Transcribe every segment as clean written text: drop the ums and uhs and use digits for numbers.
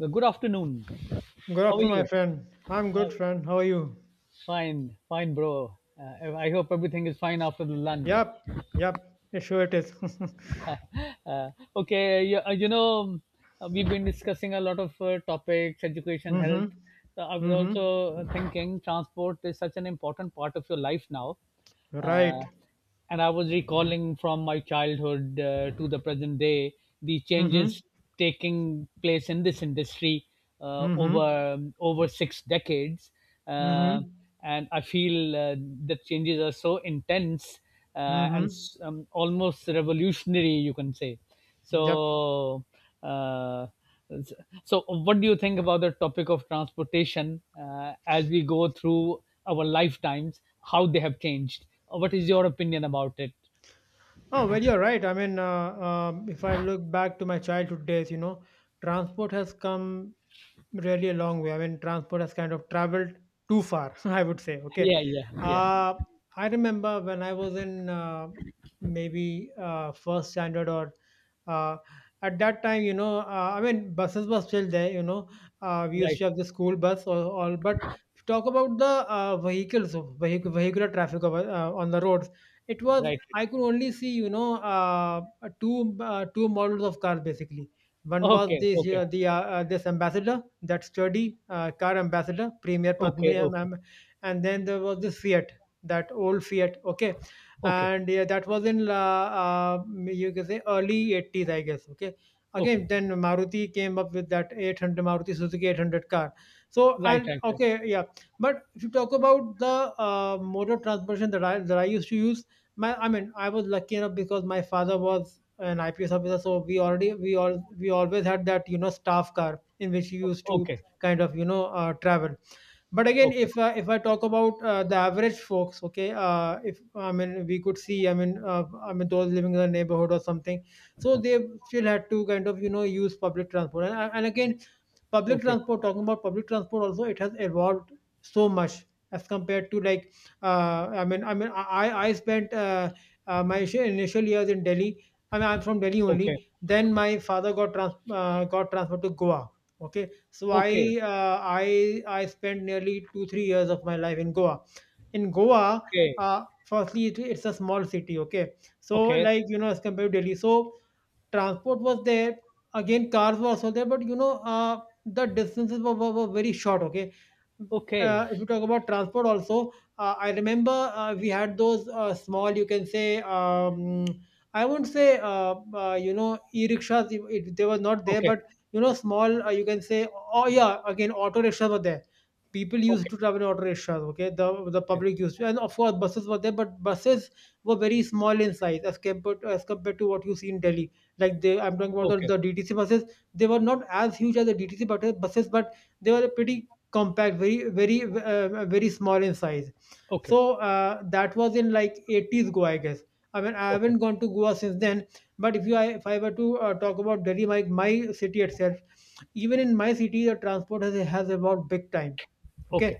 Good afternoon. Good How are afternoon, my you? friend. How I'm are good, you? friend. How are you? Fine, fine, bro. I hope everything is fine after the lunch. Yep, yep. it Sure, it is. Uh, okay, we've been discussing a lot of topics, education, Mm-hmm. health. So I was Mm-hmm. also thinking transport is such an important part of your life now. Uh, Right. and I was recalling from my childhood to the present day the Mm-hmm. changes taking place in this industry, uh, Mm-hmm. over over six decades, uh, Mm-hmm. and I feel the changes are so intense uh, and Mm-hmm. s- um, almost revolutionary, you can say. Yep. So, uh, s- so what do you think about the topic of transportation as we go through our lifetimes? How they have changed? What is your opinion about it? Oh, well, you're right. I mean, if I look back to my childhood days, transport has come really a long way. I mean, transport has kind of traveled too far, I would say. Okay. Yeah, yeah, yeah. Uh, I remember when I was in maybe first standard or uh, at that time, I mean, buses were still there, we used Right, to have the school bus or all, but talk about the vehicles, vehicular traffic over, on the roads. It was right. I could only see, two models of cars basically. One was Okay, this okay, the this ambassador, that sturdy car ambassador, Premier okay, Padmium, okay, and then there was this Fiat, that old Fiat. Okay, okay, okay, and yeah, that was in you can say early 80s, I guess. Okay, again okay. then Maruti came up with that 800 Maruti Suzuki 800 car. So Right, and right, right. okay, yeah. But if you talk about the mode of transportation that I used to use, my I mean I was lucky enough because my father was an IPS officer, so we already we all we always had that, you know, staff car in which we used to Okay, kind of, you know, travel. But again, okay, if I talk about the average folks, okay, if I mean we could see, I mean, I mean those living in the neighborhood or something, so they still had to kind of, you know, use public transport. And again, public okay, transport, talking about public transport also, it has evolved so much as compared to like I spent my initial years in Delhi. I mean, I'm from Delhi okay, only. Then my father got got transferred to Goa. Okay, so okay, I I spent nearly 2 or 3 years of my life in Goa. In Goa, okay, firstly, it's a small city. Okay, so, okay, like, you know, as compared to Delhi, so transport was there. Again, cars were also there, but, you know, the distances were, were, very short. Okay, okay, if you talk about transport also, I remember we had those small, you can say, I won't say e-rickshaws. They were not there, okay, but, you know, small, you can say, oh yeah, again, auto rickshaws were there. People used okay, to travel in auto rickshaws. Okay, the okay, public used to. And of course buses were there, but buses were very small in size as compared to what you see in Delhi. Like, they, I'm talking about okay, the DTC buses. They were not as huge as the DTC buses, but they were pretty compact, very, very small in size. okay, So that was in like 80s Goa, I guess. I mean, I haven't gone to Goa since then. But if if I were to talk about Delhi, my city itself, even in my city, the transport has evolved big time. Okay, okay,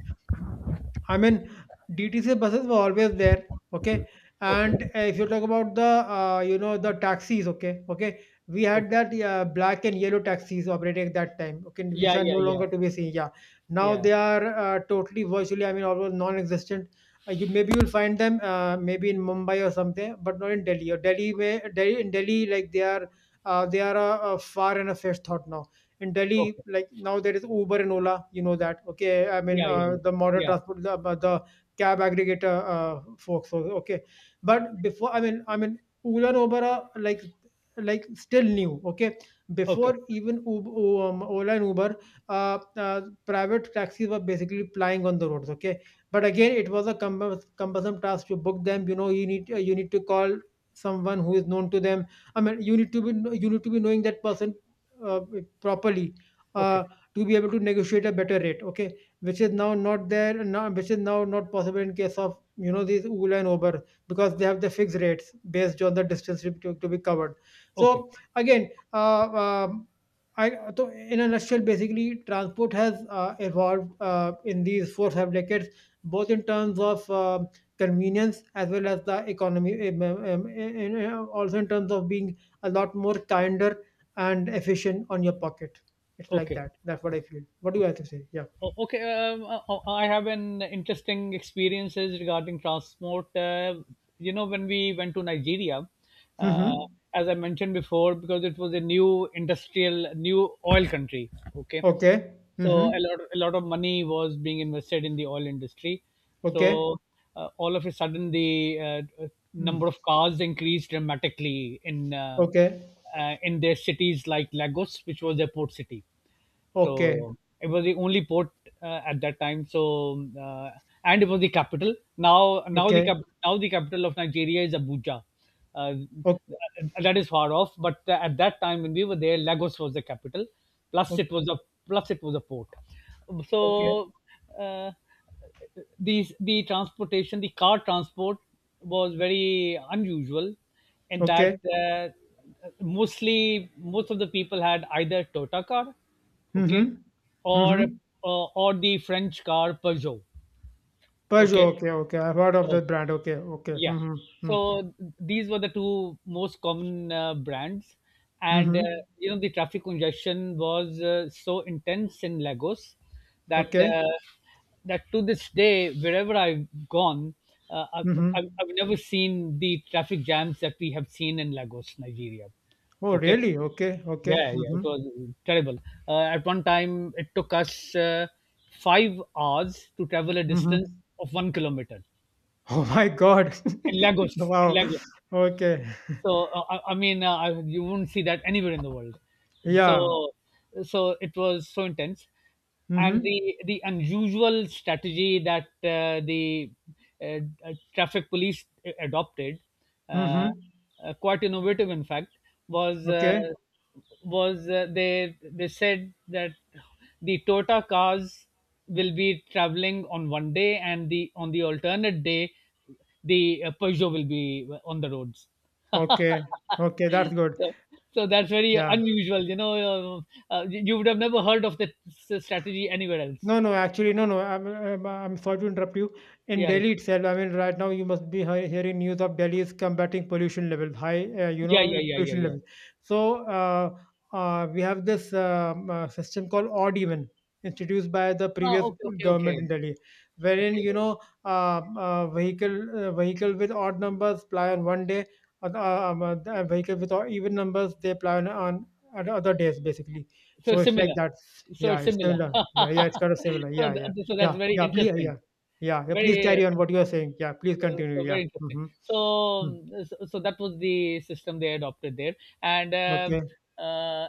I mean, DTC buses were always there, okay? okay, And okay, if you talk about the taxis, okay, okay, we had okay. that black and yellow taxis operating at that time, okay, which Yeah, are yeah, no yeah, longer to be seen. Yeah, now yeah. they are totally, virtually, I mean, almost non-existent. You maybe you'll find them maybe in Mumbai or something, but not in Delhi. Or Delhi, may, Delhi in Delhi, like, they are a far and a fetched thought now in Delhi. Okay, Like, now there is Uber and Ola. You know that, okay? I mean, yeah, yeah, yeah, the modern yeah. transport, the cab aggregator folks. So, okay, but before, I mean, Ola and Uber are like, still new. Okay, Okay, before even Uber, Ola and Uber, private taxis were basically plying on the roads. Okay, but again, it was a cumbersome task to book them. You know, you need to call someone who is known to them. I mean, you need to be knowing that person uh, properly okay, uh, to be able to negotiate a better rate, okay, which is now not there, now which is now not possible in case of, you know, these Ola and Uber, because they have the fixed rates based on the distance to be covered. okay, So again, so in a nutshell, basically, transport has evolved in these 4 or 5 decades, both in terms of convenience as well as the economy, and, also in terms of being a lot more kinder and efficient on your pocket. It's like okay, that. That's what I okay, feel. What do you have okay. to say? Yeah. Okay, I have an interesting experiences regarding transport. You know, when we went to Nigeria, uh, Mm-hmm. as I mentioned before, because it was a new industrial, new oil country. Okay, Okay. so Mm-hmm. A lot of money was being invested in the oil industry. Okay. So all of a sudden, the number Mm. of cars increased dramatically Okay. In their cities like Lagos, which was their port city. Okay. So it was the only port at that time. So and it was the capital. Now now the Okay. cap- now the capital of Nigeria is Abuja. Uh, Okay. that is far off, but at that time when we were there, Lagos was the capital. Plus Okay. it was a plus it was a port. Okay. So. Uh, the transportation, the car transport was very unusual in that, Okay. most of the people had either Toyota car, okay, Mm-hmm. or uh, Mm-hmm. or the French car Peugeot, okay, Peugeot. Okay. Okay. I've heard of so the brand. Okay. Okay. yeah. Mm-hmm. Hmm. So these were the two most common brands. And Mm-hmm. you know, the traffic congestion was so intense in Lagos that Okay. that to this day, wherever I've gone, uh, I've, I've Mm-hmm. I've never seen the traffic jams that we have seen in Lagos, Nigeria. Oh, Okay. really? Okay. Okay. Yeah, yeah, it Mm-hmm. was terrible. At one time, it took us 5 hours to travel a distance Mm-hmm. of 1 kilometer Oh my God. in Lagos. In Wow. Lagos. Okay. So I mean, you wouldn't see that anywhere in the world. Yeah. So so it was so intense, and Mm-hmm. The unusual strategy that the uh, traffic police adopted, uh, Mm-hmm. Quite innovative in fact, was uh, Okay, was uh, they said that the Toyota cars will be traveling on one day, and the on the alternate day, the Peugeot will be on the roads. okay, okay, that's good. So so that's very Yeah, unusual, you know, you would have never heard of that strategy anywhere else. no, no, actually, no, no. I'm sorry to interrupt you. In Yeah. Delhi itself, I mean, right now you must be hearing news of Delhi is combating pollution levels, high, you Yeah, know, yeah, yeah, yeah, pollution yeah. levels. So we have this system called odd even, introduced by the Ah, previous okay, okay, okay. government in Delhi, wherein, you Okay. know, vehicle vehicle with odd numbers ply on one day, the vehicle with odd, even numbers, they ply on, on other days, basically. So So it's like similar. that. So Yeah, it's it's similar. similar. Yeah, yeah, it's kind of similar. So Yeah, yeah. th- so that's Yeah, very yeah, please, interesting. yeah. Yeah, yeah, please Very carry on what you are saying. Yeah, please Uh, continue. so Yeah. very interesting. Mm-hmm. So, Mm. um, so so that was the system they adopted there, and Okay. um uh,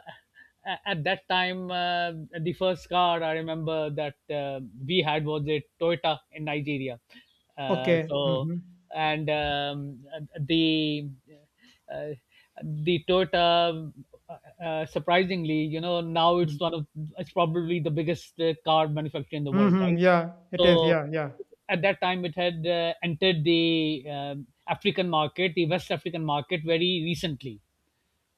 at that time, the first car I remember that we had was a Toyota in Nigeria. Okay. So, Mm-hmm. and the uh, the Toyota. Uh, Surprisingly, you know, now Mm. it's one of it's probably the biggest car manufacturer in the world, Mm-hmm. right? Yeah, it is. So Yeah, yeah. at that time, it had entered the African market, the West African market, very recently.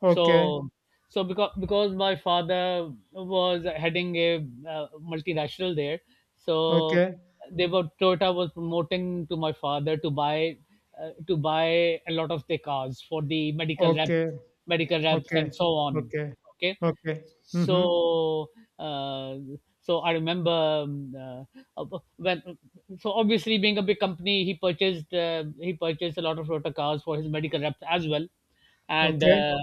Okay. So, so because my father was heading a multinational there, so Okay. they were Toyota was promoting to my father to buy a lot of their cars for the medical Okay. medical reps, and Okay. so on. Okay. Okay, Okay. Mm-hmm. so, uh, so I remember when. So obviously, being a big company, he purchased a lot of Toyota cars for his medical reps as well, and Okay. uh,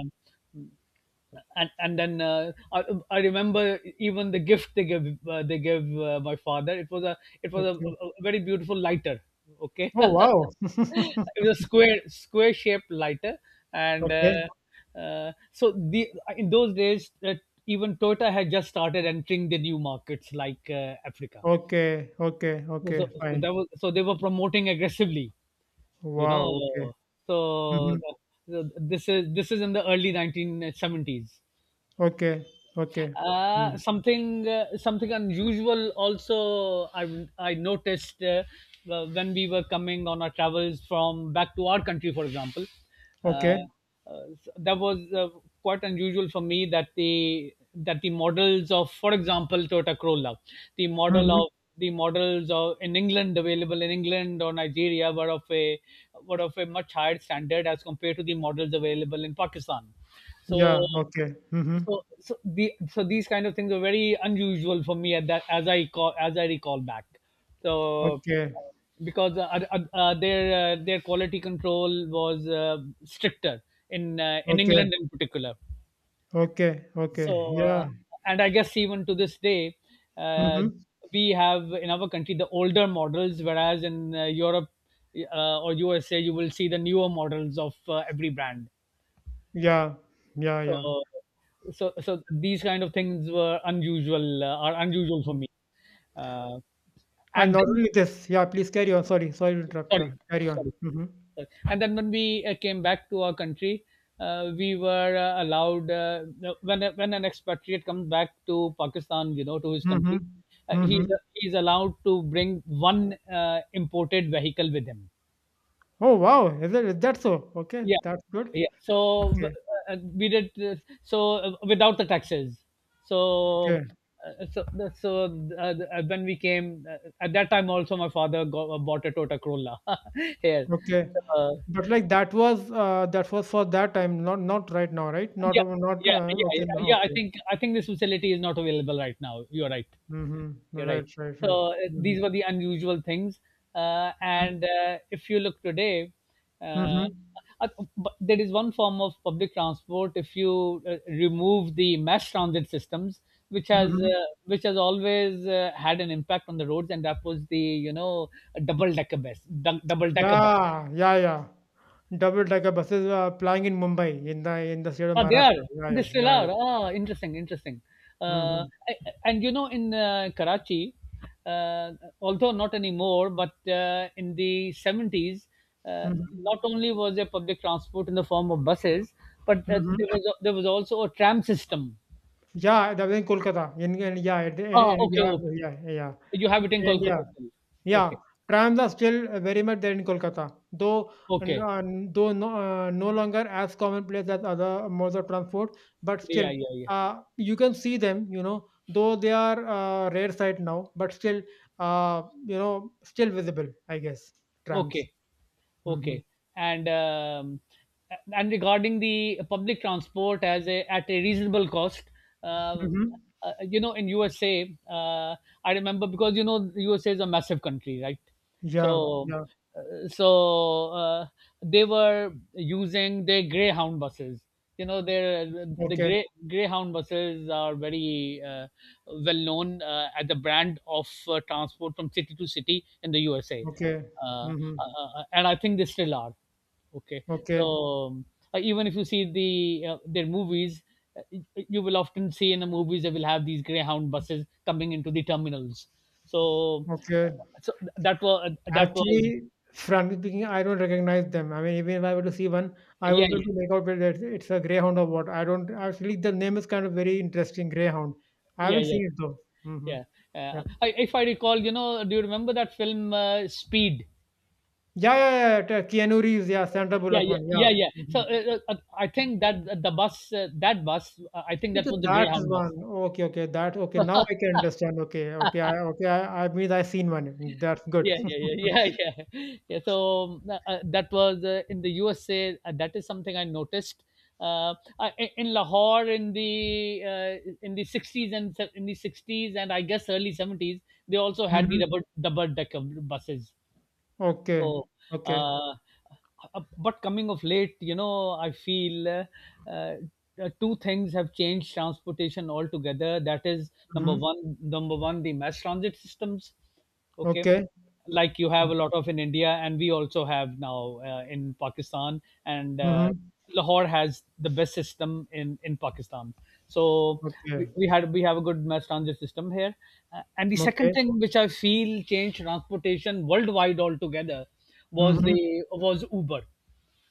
and I remember even the gift they gave my father, it was Okay. a very beautiful lighter, okay. Oh, wow. It was a square shaped lighter. And Okay. So the In those days, even Toyota had just started entering the new markets like Africa, Okay. Okay. so, Okay. so so Fine. that was, so they were promoting aggressively, you know, Wow. Okay. Mm-hmm. so, so this is in the early 1970s. Okay. Okay. Mm. Something unusual also I noticed when we were coming on our travels from back to our country, for example. Uh, Okay. uh, that was quite unusual for me that the models of, for example, Toyota Corolla, the model Mm-hmm. of the models of in England, available in England or Nigeria, were of a much higher standard as compared to the models available in Pakistan. So Yeah. Okay. Mm-hmm. so these kind of things are very unusual for me at that as I recall back. So Okay, because uh, uh, their their quality control was stricter in okay, England in particular. okay, okay. So Yeah. and I guess even to this day, uh, Mm-hmm. we have in our country the older models, whereas in Europe or USA you will see the newer models of every brand. Yeah, yeah, yeah. So, so these kind of things were unusual, are unusual for Mm. me. Uh, And and not then, only this, yeah, please carry on. Sorry, sorry to interrupt. Yeah, sorry, carry on. sorry, Mm-hmm. sorry. And then when we came back to our country, we were allowed, when an expatriate comes back to Pakistan, you know, to his Mm-hmm. country, uh, Mm-hmm. he's he's allowed to bring one imported vehicle with him. Oh, wow. Is that so? Okay, Yeah, that's good. yeah. So b- Okay, uh, we did this, so without the taxes. okay, So uh, so so uh, when we came, at that time also, my father bought a Toyota Corolla here. okay. So, But like that was for that time, not not right now, right? Not yeah, not yeah, yeah, okay, no, yeah. I okay. think I think this facility is not available right now. You're right. Mm-hmm. You're right. Right, right, right. So Mm-hmm. these were the unusual things. And if you look today, uh, Mm-hmm. uh, but there is one form of public transport. If you remove the mass transit systems, which has Mm-hmm. uh, which has always had an impact on the roads, and that was the, you know, double decker bus. Yeah, yeah, yeah. Double-decker buses are plying in Mumbai, in the state of Oh, they are. Maharashtra. Yeah, They yeah, still yeah, are. yeah. Ah, interesting, interesting. Uh, Mhm, I- and you know, in Karachi, uh, although not anymore, but in the 70s, uh, not mhm, only was there public transport in the form of buses, but mhm. There was also a tram system. Yeah, that was in Kolkata. In yeah, it- Ah, in okay, yeah, okay. yeah, yeah. You have it in In Kolkata India. still. Yeah, Okay, trams are still very much there in Kolkata, though n- okay. uh, though no, no longer as commonplace as other modes of transport, but still Yeah, yeah, yeah. You can see them, you know, though they are rare sight now, but still, you know, still visible, I guess, trams. Okay. Hmm. Okay. And um, and regarding the public transport as a at a reasonable cost, Hmm. um, you know, in USA, I remember because you know USA is a massive country, right? Yeah, So yeah. so they were using their Greyhound buses. You know, their Okay, Greyhound buses are very well known as the brand of transport from city to city in the USA, okay. uh, uh, Hmm. And I think they still are. Okay, so Okay, even if you see the their movies, you will often see in the movies they will have these Greyhound buses coming into the terminals. So, okay. uh, so that was that was Actually, frankly speaking, I don't recognize them. I mean, even if I were to see one, I yeah would be able to make out whether it's a greyhound or what. I don't actually. The name is kind of very interesting, greyhound. I yeah haven't yeah seen it though. Hmm. yeah. Yeah. Yeah. If I recall, you know, do you remember that film Speed? Yeah, yeah, yeah. Yeah, yeah. Keanu Reeves, yeah, Sandra Yeah Bullock yeah one, yeah yeah. yeah, so Hmm. I think that the bus that bus I think that Okay, was the that is Greyhound bus. one. Okay, okay, that okay. Now I can understand. Okay, okay, I okay. I mean, I seen one. That's good. Yeah yeah yeah yeah yeah yeah, so that was in the USA, that is something I noticed. uh, in Lahore in the uh, in the 60s and I guess early 70s they also had the Hmm. rubber double decker buses, Okay, so, okay, uh, uh, but coming of late, you know, I feel uh, uh, two things have changed transportation altogether. That is hmm, number one, the mass transit systems. Okay, okay, like you have a lot of in India, and we also have now in Pakistan, and hmm, Lahore has the best system in Pakistan. So okay, we have a good mass transit system here. And the second okay. thing which I feel changed transportation worldwide altogether was Mm-hmm. the was Uber,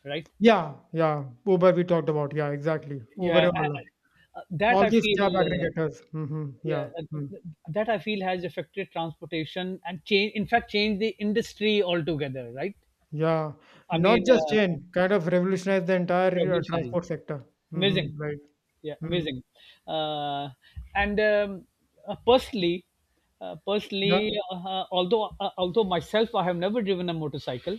right? Yeah, yeah. Uber we talked about. Yeah, exactly. Uber Yeah, and Ola. That All I these cab feel. Aggregators. Hmm. Yeah. yeah, Mm. uh, that I feel has affected transportation and change. In fact, changed the industry altogether. Right? Yeah. I Not mean, just change, kind of revolutionized the entire revolutionized. transport sector. Hmm. Amazing. Right. Yeah, Mm. amazing. Uh, and personally, Yeah. Although myself, I have never driven a motorcycle.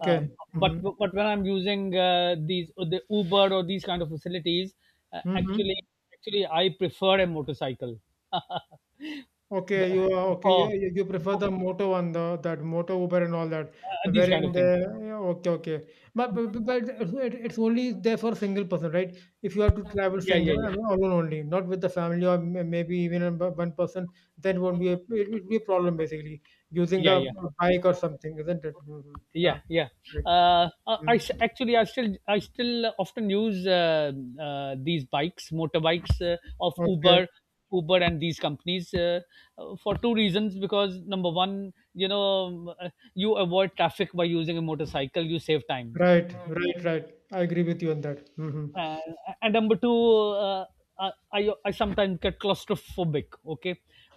Uh, but Hmm. but when I'm using these the Uber or these kind of facilities, uh, actually Hmm. actually I prefer a motorcycle Okay, you are okay. You for, you you prefer for the Moto one, the that Moto Uber and all that, these kind wherein of the things. yeah, okay, okay. But it's only there for single person, right? If you have to travel Yeah, single yeah, yeah, alone only, not with the family or maybe even a one person, then won't be it will be a problem, basically, using yeah, a yeah, bike or something, isn't it? Mhm. yeah, Yeah. yeah. Right. uh, i I Mm. s- actually I still often use these bikes motorbikes of uber Okay. uber and these companies, for two reasons. Because number one, you avoid traffic by using a motorcycle, you save time. Right. Right. Right. I agree with you on that. Hmm. uh, and number two, uh, I, I, I sometimes get claustrophobic. Okay,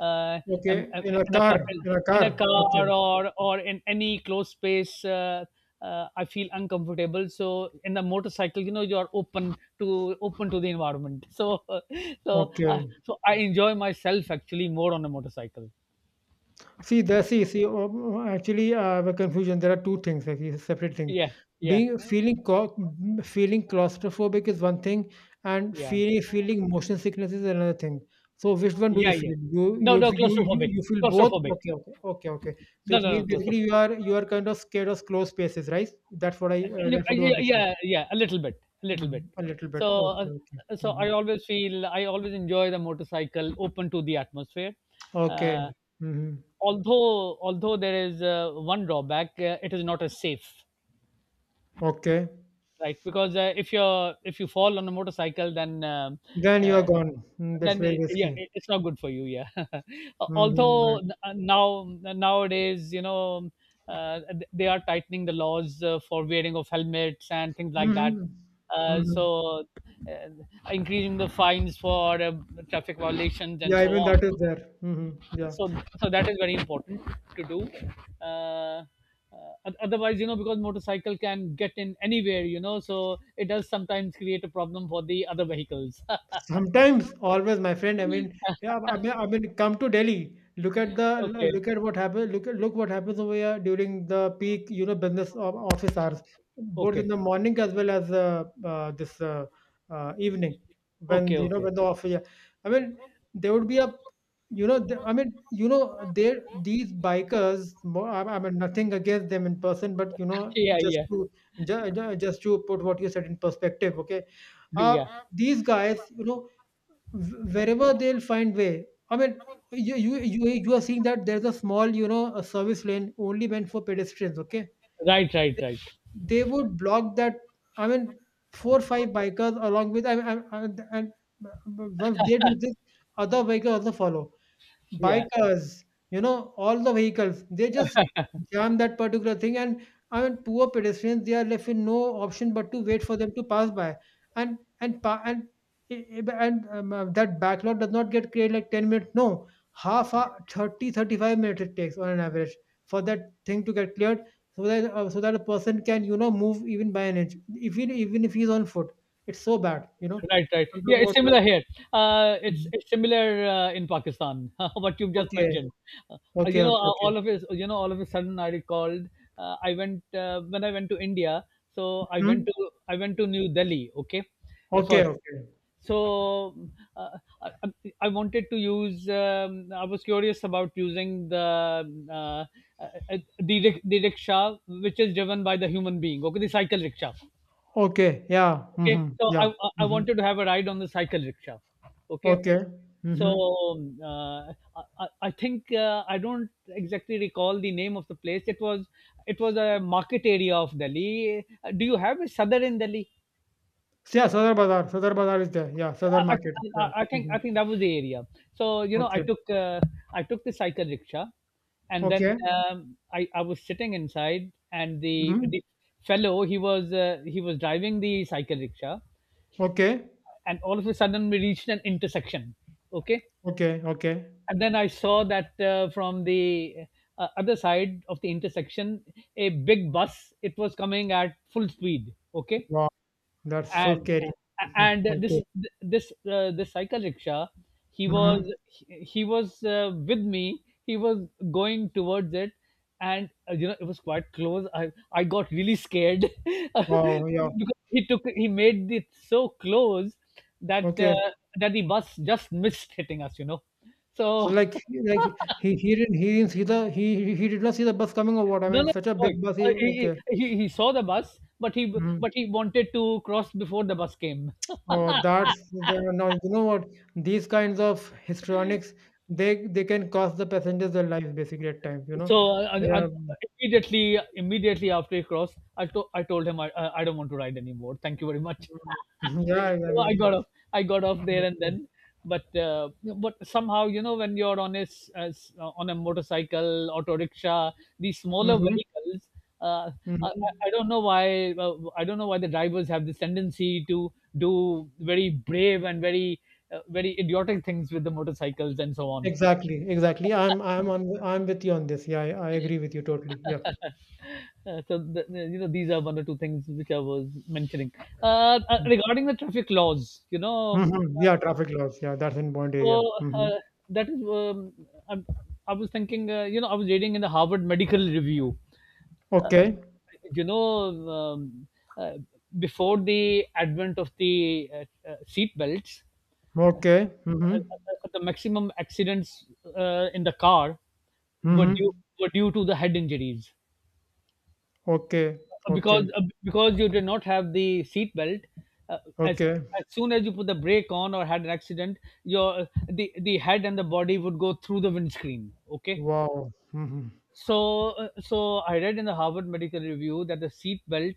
uh, Okay. In a in a car. car, In a in car. a Okay. car or in any closed space, I feel uncomfortable. So in the motorcycle, you know, you're open to, open to the environment, Okay. so I enjoy myself actually more on a motorcycle. See, there, actually, I have a confusion. There are two things, like these are separate things. Yeah, yeah, Being feeling cau- mm, Feeling claustrophobic is one thing, and yeah, feeling motion sickness is another thing. So, which one do you yeah, yeah. feel? You No, you no, you you, claustrophobic, you feel both? claustrophobic. Okay, okay, okay, okay. So No, it no, means no, basically claustrophobic. you are kind of scared of closed spaces, right? You- That's what you want yeah, to say. yeah, yeah, a little bit, a little bit. Mhm. A little so bit. Okay, uh, okay. so Hmm. I always enjoy the motorcycle, open to the atmosphere. Okay. uh, Hmm. although although there is one drawback. It is not as safe, Okay. right? Because if you fall on a motorcycle, then Then you are yeah. gone. Mm, that's then very Yeah, risky. It's not good for you, yeah. Hmm. Now nowadays, they are tightening the laws for wearing of helmets and things like that, Mhm. uh, Mhm. so uh, increasing the fines for traffic violations and Yeah, so even on. that is there. Mhm. Yeah. So so that is very important to do. uh, uh, Otherwise, you know, because motorcycle can get in anywhere, you know, so it does sometimes create a problem for the other vehicles. Sometimes, always, my friend. Come to Delhi. Okay, Look at what happens. Look what happens over here during the peak, you know, business of office hours, both in okay, the morning as well as this evening, when okay, you know okay. when the office. Yeah. I mean, there would be a, you know, the, I mean, you know, There these bikers. More, I mean, Nothing against them in person, but you know, Yeah, yeah. Just to put what you said in perspective, okay. Uh, Yeah, these guys, you know, wherever they'll find way. I mean, you are seeing that there's a small, you know, a service lane only meant for pedestrians. Okay, right, right, they, right, they would block that. I mean, four or five bikers along with, and once they do this, other bikers also follow yeah. bikers, you know, all the vehicles, they just jam that particular thing. Poor pedestrians, they are left with no option but to wait for them to pass by. And pa- and I- and That backlog does not get created like 10 minutes. No, half hour, thirty-five minutes it takes on an average for that thing to get cleared so that so that a person can, you know, move even by an inch. If he, even if he's on foot, it's so bad, you know. Right, right. I'm Yeah, talking it's about my- similar here. Uh, it's Mhm. it's similar in Pakistan. What you've just Okay, mentioned. Uh, okay, okay, okay. all of his. You know, all of a sudden, I recalled. I went When I went to India. So I Hmm? went to I went to New Delhi. Okay, Okay, first. okay. So uh, I, I I wanted to use. I was curious about using the uh, the rickshaw, which is driven by the human being. Okay, the cycle rickshaw. Okay, yeah, Okay, mhm, so yeah, I mhm. wanted to have a ride on the cycle rickshaw. Okay, Okay, so mhm. um, uh, I I I think. I don't exactly recall the name of the place. It was a market area of Delhi. Do you have a southern in Delhi? Yeah, Sadar Bazaar, Sadar Bazaar is there. Yeah, Sadar Market. Yeah, I mhm. think that was the area. So you know, Okay, I took the cycle rickshaw, and then okay, I was sitting inside, and mhm. the fellow, he was driving the cycle rickshaw, Okay, and all of a sudden we reached an intersection. Okay. okay, okay. And then I saw that from the other side of the intersection a big bus, it was coming at full speed. Okay. Wow, that's so and scary. Mhm. and Okay. this, this cycle rickshaw, he was Mhm. he he was, with me, he was going towards it. And you know, it was quite close. I got really scared Wow, yeah. because he made it so close that Okay. that the bus just missed hitting us, you know. So So like he like he didn't see the he did not see the bus coming or what? I no, mean, no, such a big sorry. bus. He, Uh, he, okay. he he he saw the bus, Mm-hmm. but he wanted to cross before the bus came. Oh, that's the- now you know what these kinds of histrionics they can cost the passengers their lives basically at times you know. So I, I, I- Yeah. Immediately, immediately after he crossed, I told him I I don't want to ride anymore. Thank you very much. Mm, yeah, yeah. So I got Mm, off. I got off there and okay. then. But uh, but somehow, you know, when you're on a on a motorcycle, auto rickshaw, these smaller Mm-hmm, vehicles. Uh, I, mm-hmm. I I don't know why. I don't know why the drivers have this tendency to do very brave and very idiotic things with the motorcycles and so on. Exactly I'm on I'm with you on this. Yeah, I agree with you totally. Yeah. You know, these are one or two things which I was mentioning regarding the traffic laws. Mm-hmm. Yeah, traffic laws, yeah, that's in Bond area. so Mm-hmm. uh, that is I, I was thinking. You know, I was reading in the Harvard Medical Review. Uh, Okay, you know, um, uh, Before the advent of the seat belts, okay. Mm-hmm. The maximum accidents in the car were due Mm-hmm. were due to the head injuries. Okay, okay, Because you did not have the seat belt. Uh, as okay. as soon as you put the brake on or had an accident, your the head and the body would go through the windscreen. Okay. Wow. Mm-hmm. So I read in the Harvard Medical Review that the seat belt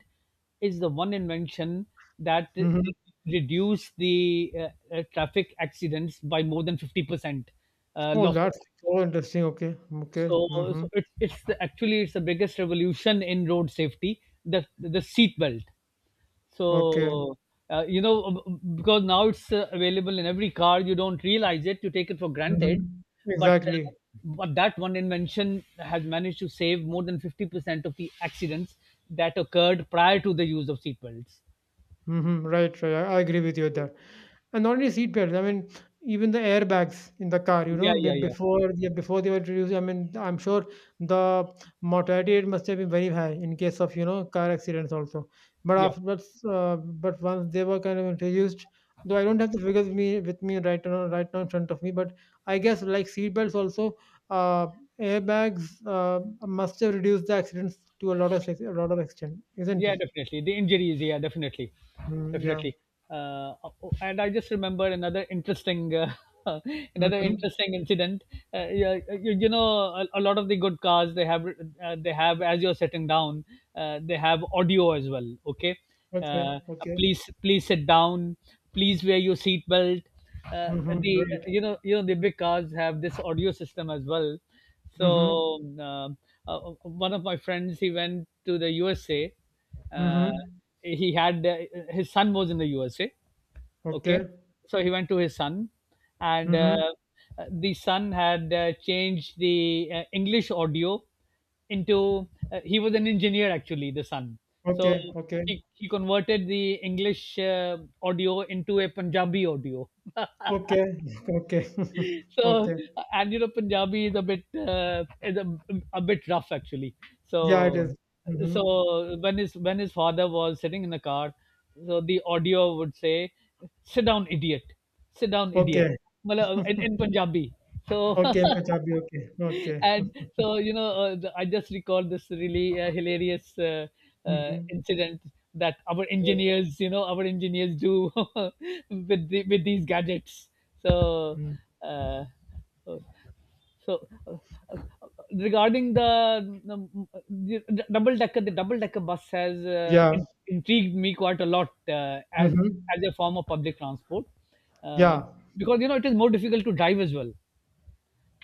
is the one invention that Mm-hmm. re- reduced the traffic accidents by more than 50%, Oh, loss of that's life. so interesting. Okay. Okay. so, Mm-hmm. so it's actually it's the biggest revolution in road safety, the seat belt. Okay. so, you know, because now it's available in every car, you don't realize it, you take it for granted. Mm-hmm. But uh, Exactly. but that one invention has managed to save more than 50% of the accidents that occurred prior to the use of seatbelts. Mm-hmm. Right. Right. I agree with you there. And not only seat belts, I mean, even the airbags in the car, you Yeah, know, be- yeah, yeah, before, yeah, before they were introduced, I mean, I'm sure the mortality rate must have been very high in case of you know car accidents also. But yeah. after but, but once they were kind of introduced, though I don't have the figures me with me right now in front of me, but I guess like seat belts also, uh, airbags must have reduced the accidents to a lot of extent, isn't Yeah, it? definitely the injuries, yeah, definitely, Mm, yeah. definitely. uh, and I just remember another interesting another Mm-hmm. interesting incident. Yeah, you, you know, a lot of the good cars, they have they have, as you're sitting down, they have audio as well. Okay. Okay. uh, Okay. Please, please sit down. Please wear your seat belt. Mm-hmm. The Right. You know, you know, the big cars have this audio system as well. Mhm. so um, One of my friends, he went to the USA. Uh, Mhm. he had His son was in the USA. Okay. Okay, so he went to his son, and Mhm. The son had changed the English audio into. He was an engineer actually, the son. So Okay, okay, he converted the English audio into a Punjabi audio. okay, okay, so okay. and you know, Punjabi is a bit uh, is a, a bit rough actually. so Yeah, it is. so Mhm. when his, when his father was sitting in the car, so the audio would say, "Sit down, idiot. Sit down, idiot." Okay, Mala- in Punjabi. So okay, Punjabi, okay, okay. and I just recall this really hilarious Mhm. incident that our Yep. engineers, you know, our engineers do with the, with these gadgets. so Mm. uh, so uh, regarding the double decker, the double decker bus has, Yeah. Intrigued me quite a lot as Mhm. as a form of public transport, uh, Yeah. because you know, it is more difficult to drive as well.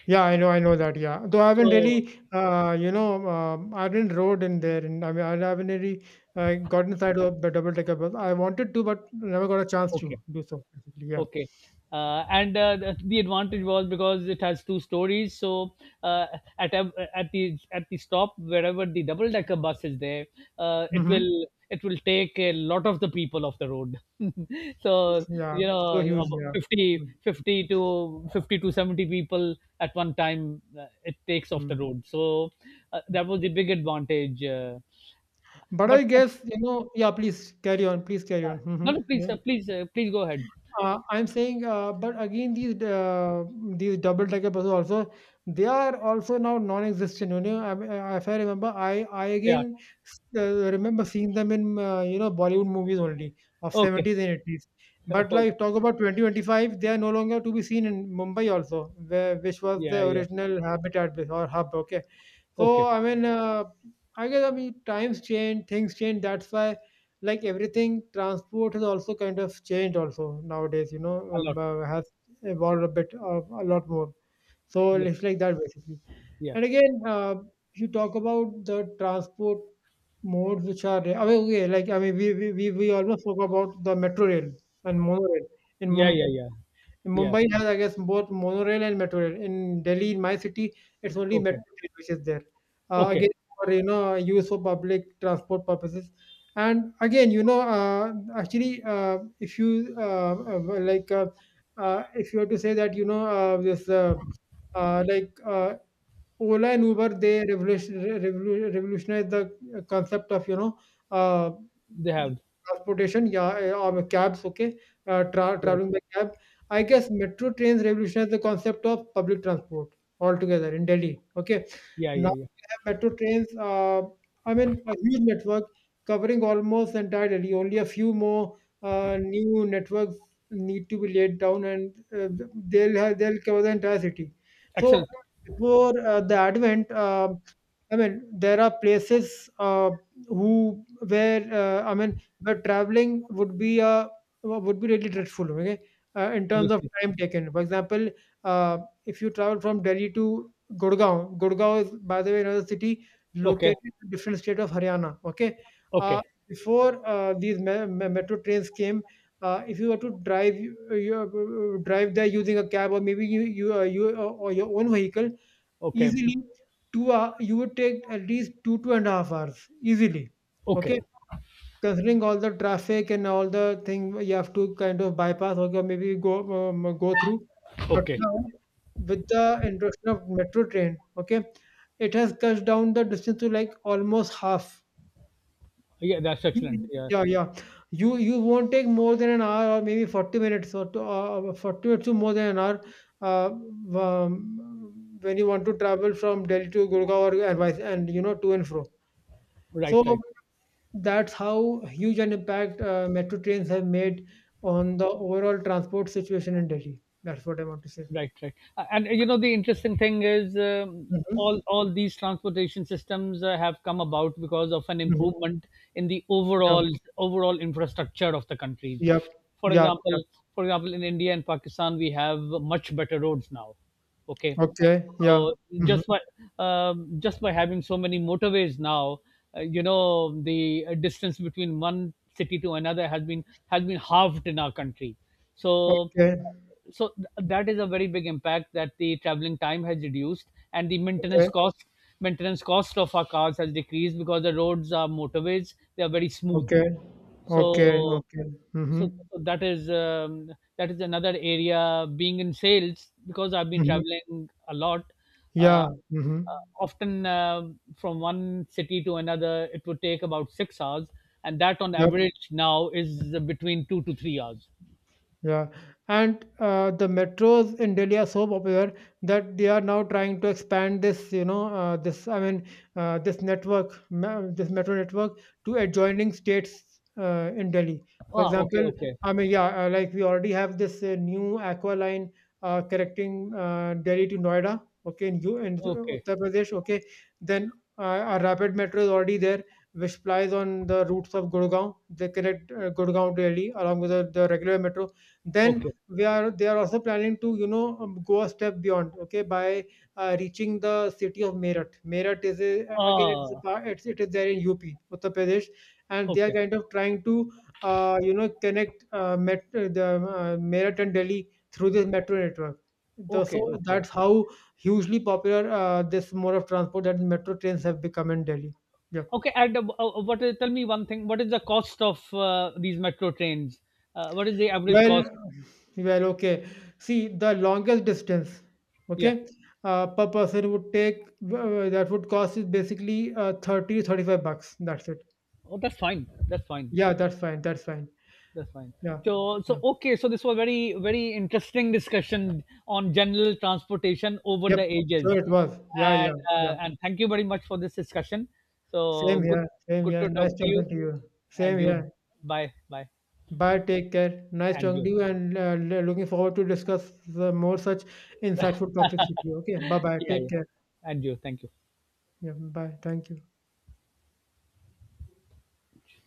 Yeah, I know that. Yeah, though I haven't So really, you know, I didn't rode in there, and I mean, I haven't really gotten inside of the double decker bus. I wanted to, but never got a chance okay. to do so. Basically, yeah. Okay. And The advantage was because it has two stories. So uh, at the, at the stop, wherever the double decker bus is there, uh, it Mm-hmm. will it will take a lot of the people off the road. So Yeah, you it's so know, huge. about Yeah. 50, Mhm. fifty to 50 to 70 people at one time, it takes off the Mm, road. So mm. that was the big advantage. Uh, But I but, but guess, you know, yeah, please carry on, please carry on. no, Mhm, no, please, yeah. Please, please go ahead. I'm saying, but again, these double-decker buses also, they are also now non-existent. You know, I mean, if I remember, I Yeah. again remember seeing them in you know Bollywood movies only of Okay. 70s and 80s. But Okay. like talk about 2025, they are no longer to be seen in Mumbai also, where which was Yeah. the Yeah. original habitat or hub. Okay, so Okay. I mean, I guess I mean times change, things change. That's why like everything transport has also kind of changed also nowadays you know A lot. Has evolved a bit a lot more, so Yeah, it's like that basically. yeah, And again you talk about the transport modes which are I mean, okay, like I mean we almost spoke about the metro rail and monorail in yeah, yeah, Mumbai. yeah, yeah. Mumbai has, I guess, both monorail and metro rail. In Delhi, in my city, it's only Okay, metro rail which is there. Okay. Again, for you know, use for public transport purposes. And again, you know, actually, if you like, if you were to say that, you know, this like Ola and Uber, they revolutionized the concept of, you know, uh, They have transportation, yeah, of cabs, okay, right. traveling by cab. I guess metro trains revolutionized the concept of public transport altogether in Delhi, okay. Yeah, Now yeah, yeah. we have metro trains, I mean, a huge network covering almost entire Delhi. Only a few more new networks need to be laid down and they'll cover the entire city. So Excellent. before i mean there are places who where where traveling would be a would be really dreadful, okay, in terms of Obviously. time taken for example. uh, if you travel from Delhi to Gurgaon, Gurgaon is by the way another city Okay, located in a different state of Haryana, okay. uh, okay, Before these metro trains came, if you were to drive you, drive there using a cab or maybe you or your own vehicle, okay, easily you would take at least 2.5 hours easily. okay, Okay, considering all the traffic and all the thing you have to kind of bypass or maybe go go through. But okay. now with the introduction of metro train, okay, it has cut down the distance to like almost half. Yeah, that's excellent. You- Yeah, yeah, yeah. You won't take more than an hour or maybe 40 minutes or to, uh, 40 minutes to more than an hour uh, um, when you want to travel from Delhi to Gurgaon or and vice and you know to and fro. right, So right. that's how huge an impact metro trains have made on the overall transport situation in Delhi. That's what I want to say. Right, right. And You know, the interesting thing is Mm-hmm. all these transportation systems have come about because of an Mm-hmm. improvement in the Yeah. overall overall infrastructure of the countries. Yep. For Yep. Yep. example, for example, in India and Pakistan, we have much better roads now. Okay, Okay. so Yeah. Mm-hmm. just by just by having so many motorways now, you know, the distance between one city to another has been halved in our country. So Okay. That is a very big impact, that the traveling time has reduced and the Okay. maintenance cost, maintenance cost of our cars has decreased because the roads are motorways, they are very smooth. Okay. Okay. So Okay. Mm-hmm. so that is another area, being in sales, because I've been Mm-hmm. traveling a lot. Uh, Yeah. Mhm. Often From one city to another, it would take about 6 hours, and that on Ja. average now is between 2 to 3 hours. Yeah, and the metros in Delhi are so popular that they are now trying to expand this, you know, this network, this metro network to adjoining states in Delhi. For Ah, okay, example, okay, I mean, yeah, like we already have this new Aqua line connecting Delhi to Noida, okay, in U in okay. Uttar Pradesh, okay. Then a rapid metro is already there, which plies on the routes of Gurgaon. They connect Gurgaon to Delhi along with the regular metro. Okay. Then we are they are also planning to you know go a step beyond, okay, by reaching the city of Meerut. Meerut is a, again, Ah, it's it is there in UP, Uttar Pradesh, and they are okay. kind of trying to you know connect met, the Meerut and Delhi through this metro network. So Okay, okay. that's how hugely popular this mode of transport that metro trains have become in Delhi. Yeah. Okay, and what is, tell me one thing, what is the cost of these metro trains? What is the average Well. cost? Well, okay. See, the longest distance, Yeah. okay, per person would take that would cost is basically thirty five bucks. That's it. Oh, that's fine. That's fine. Yeah, that's fine. That's fine. That's fine. Yeah. So, Yeah. so okay. So this was very, very interesting discussion on general transportation over Yep. the ages, Sure, it was. Yeah, yeah, yeah. And thank you very much for this discussion. So Same good, here. Same good here. to talk Nice to talking you, to you. Same and you. here. Bye, bye, Bye. Take care. Nice and talking you. to you, and looking forward to discuss more such insightful topics with you. Okay. Bye bye. Yeah, Take yeah, care. and you. Thank you. Yeah. Bye. Thank you.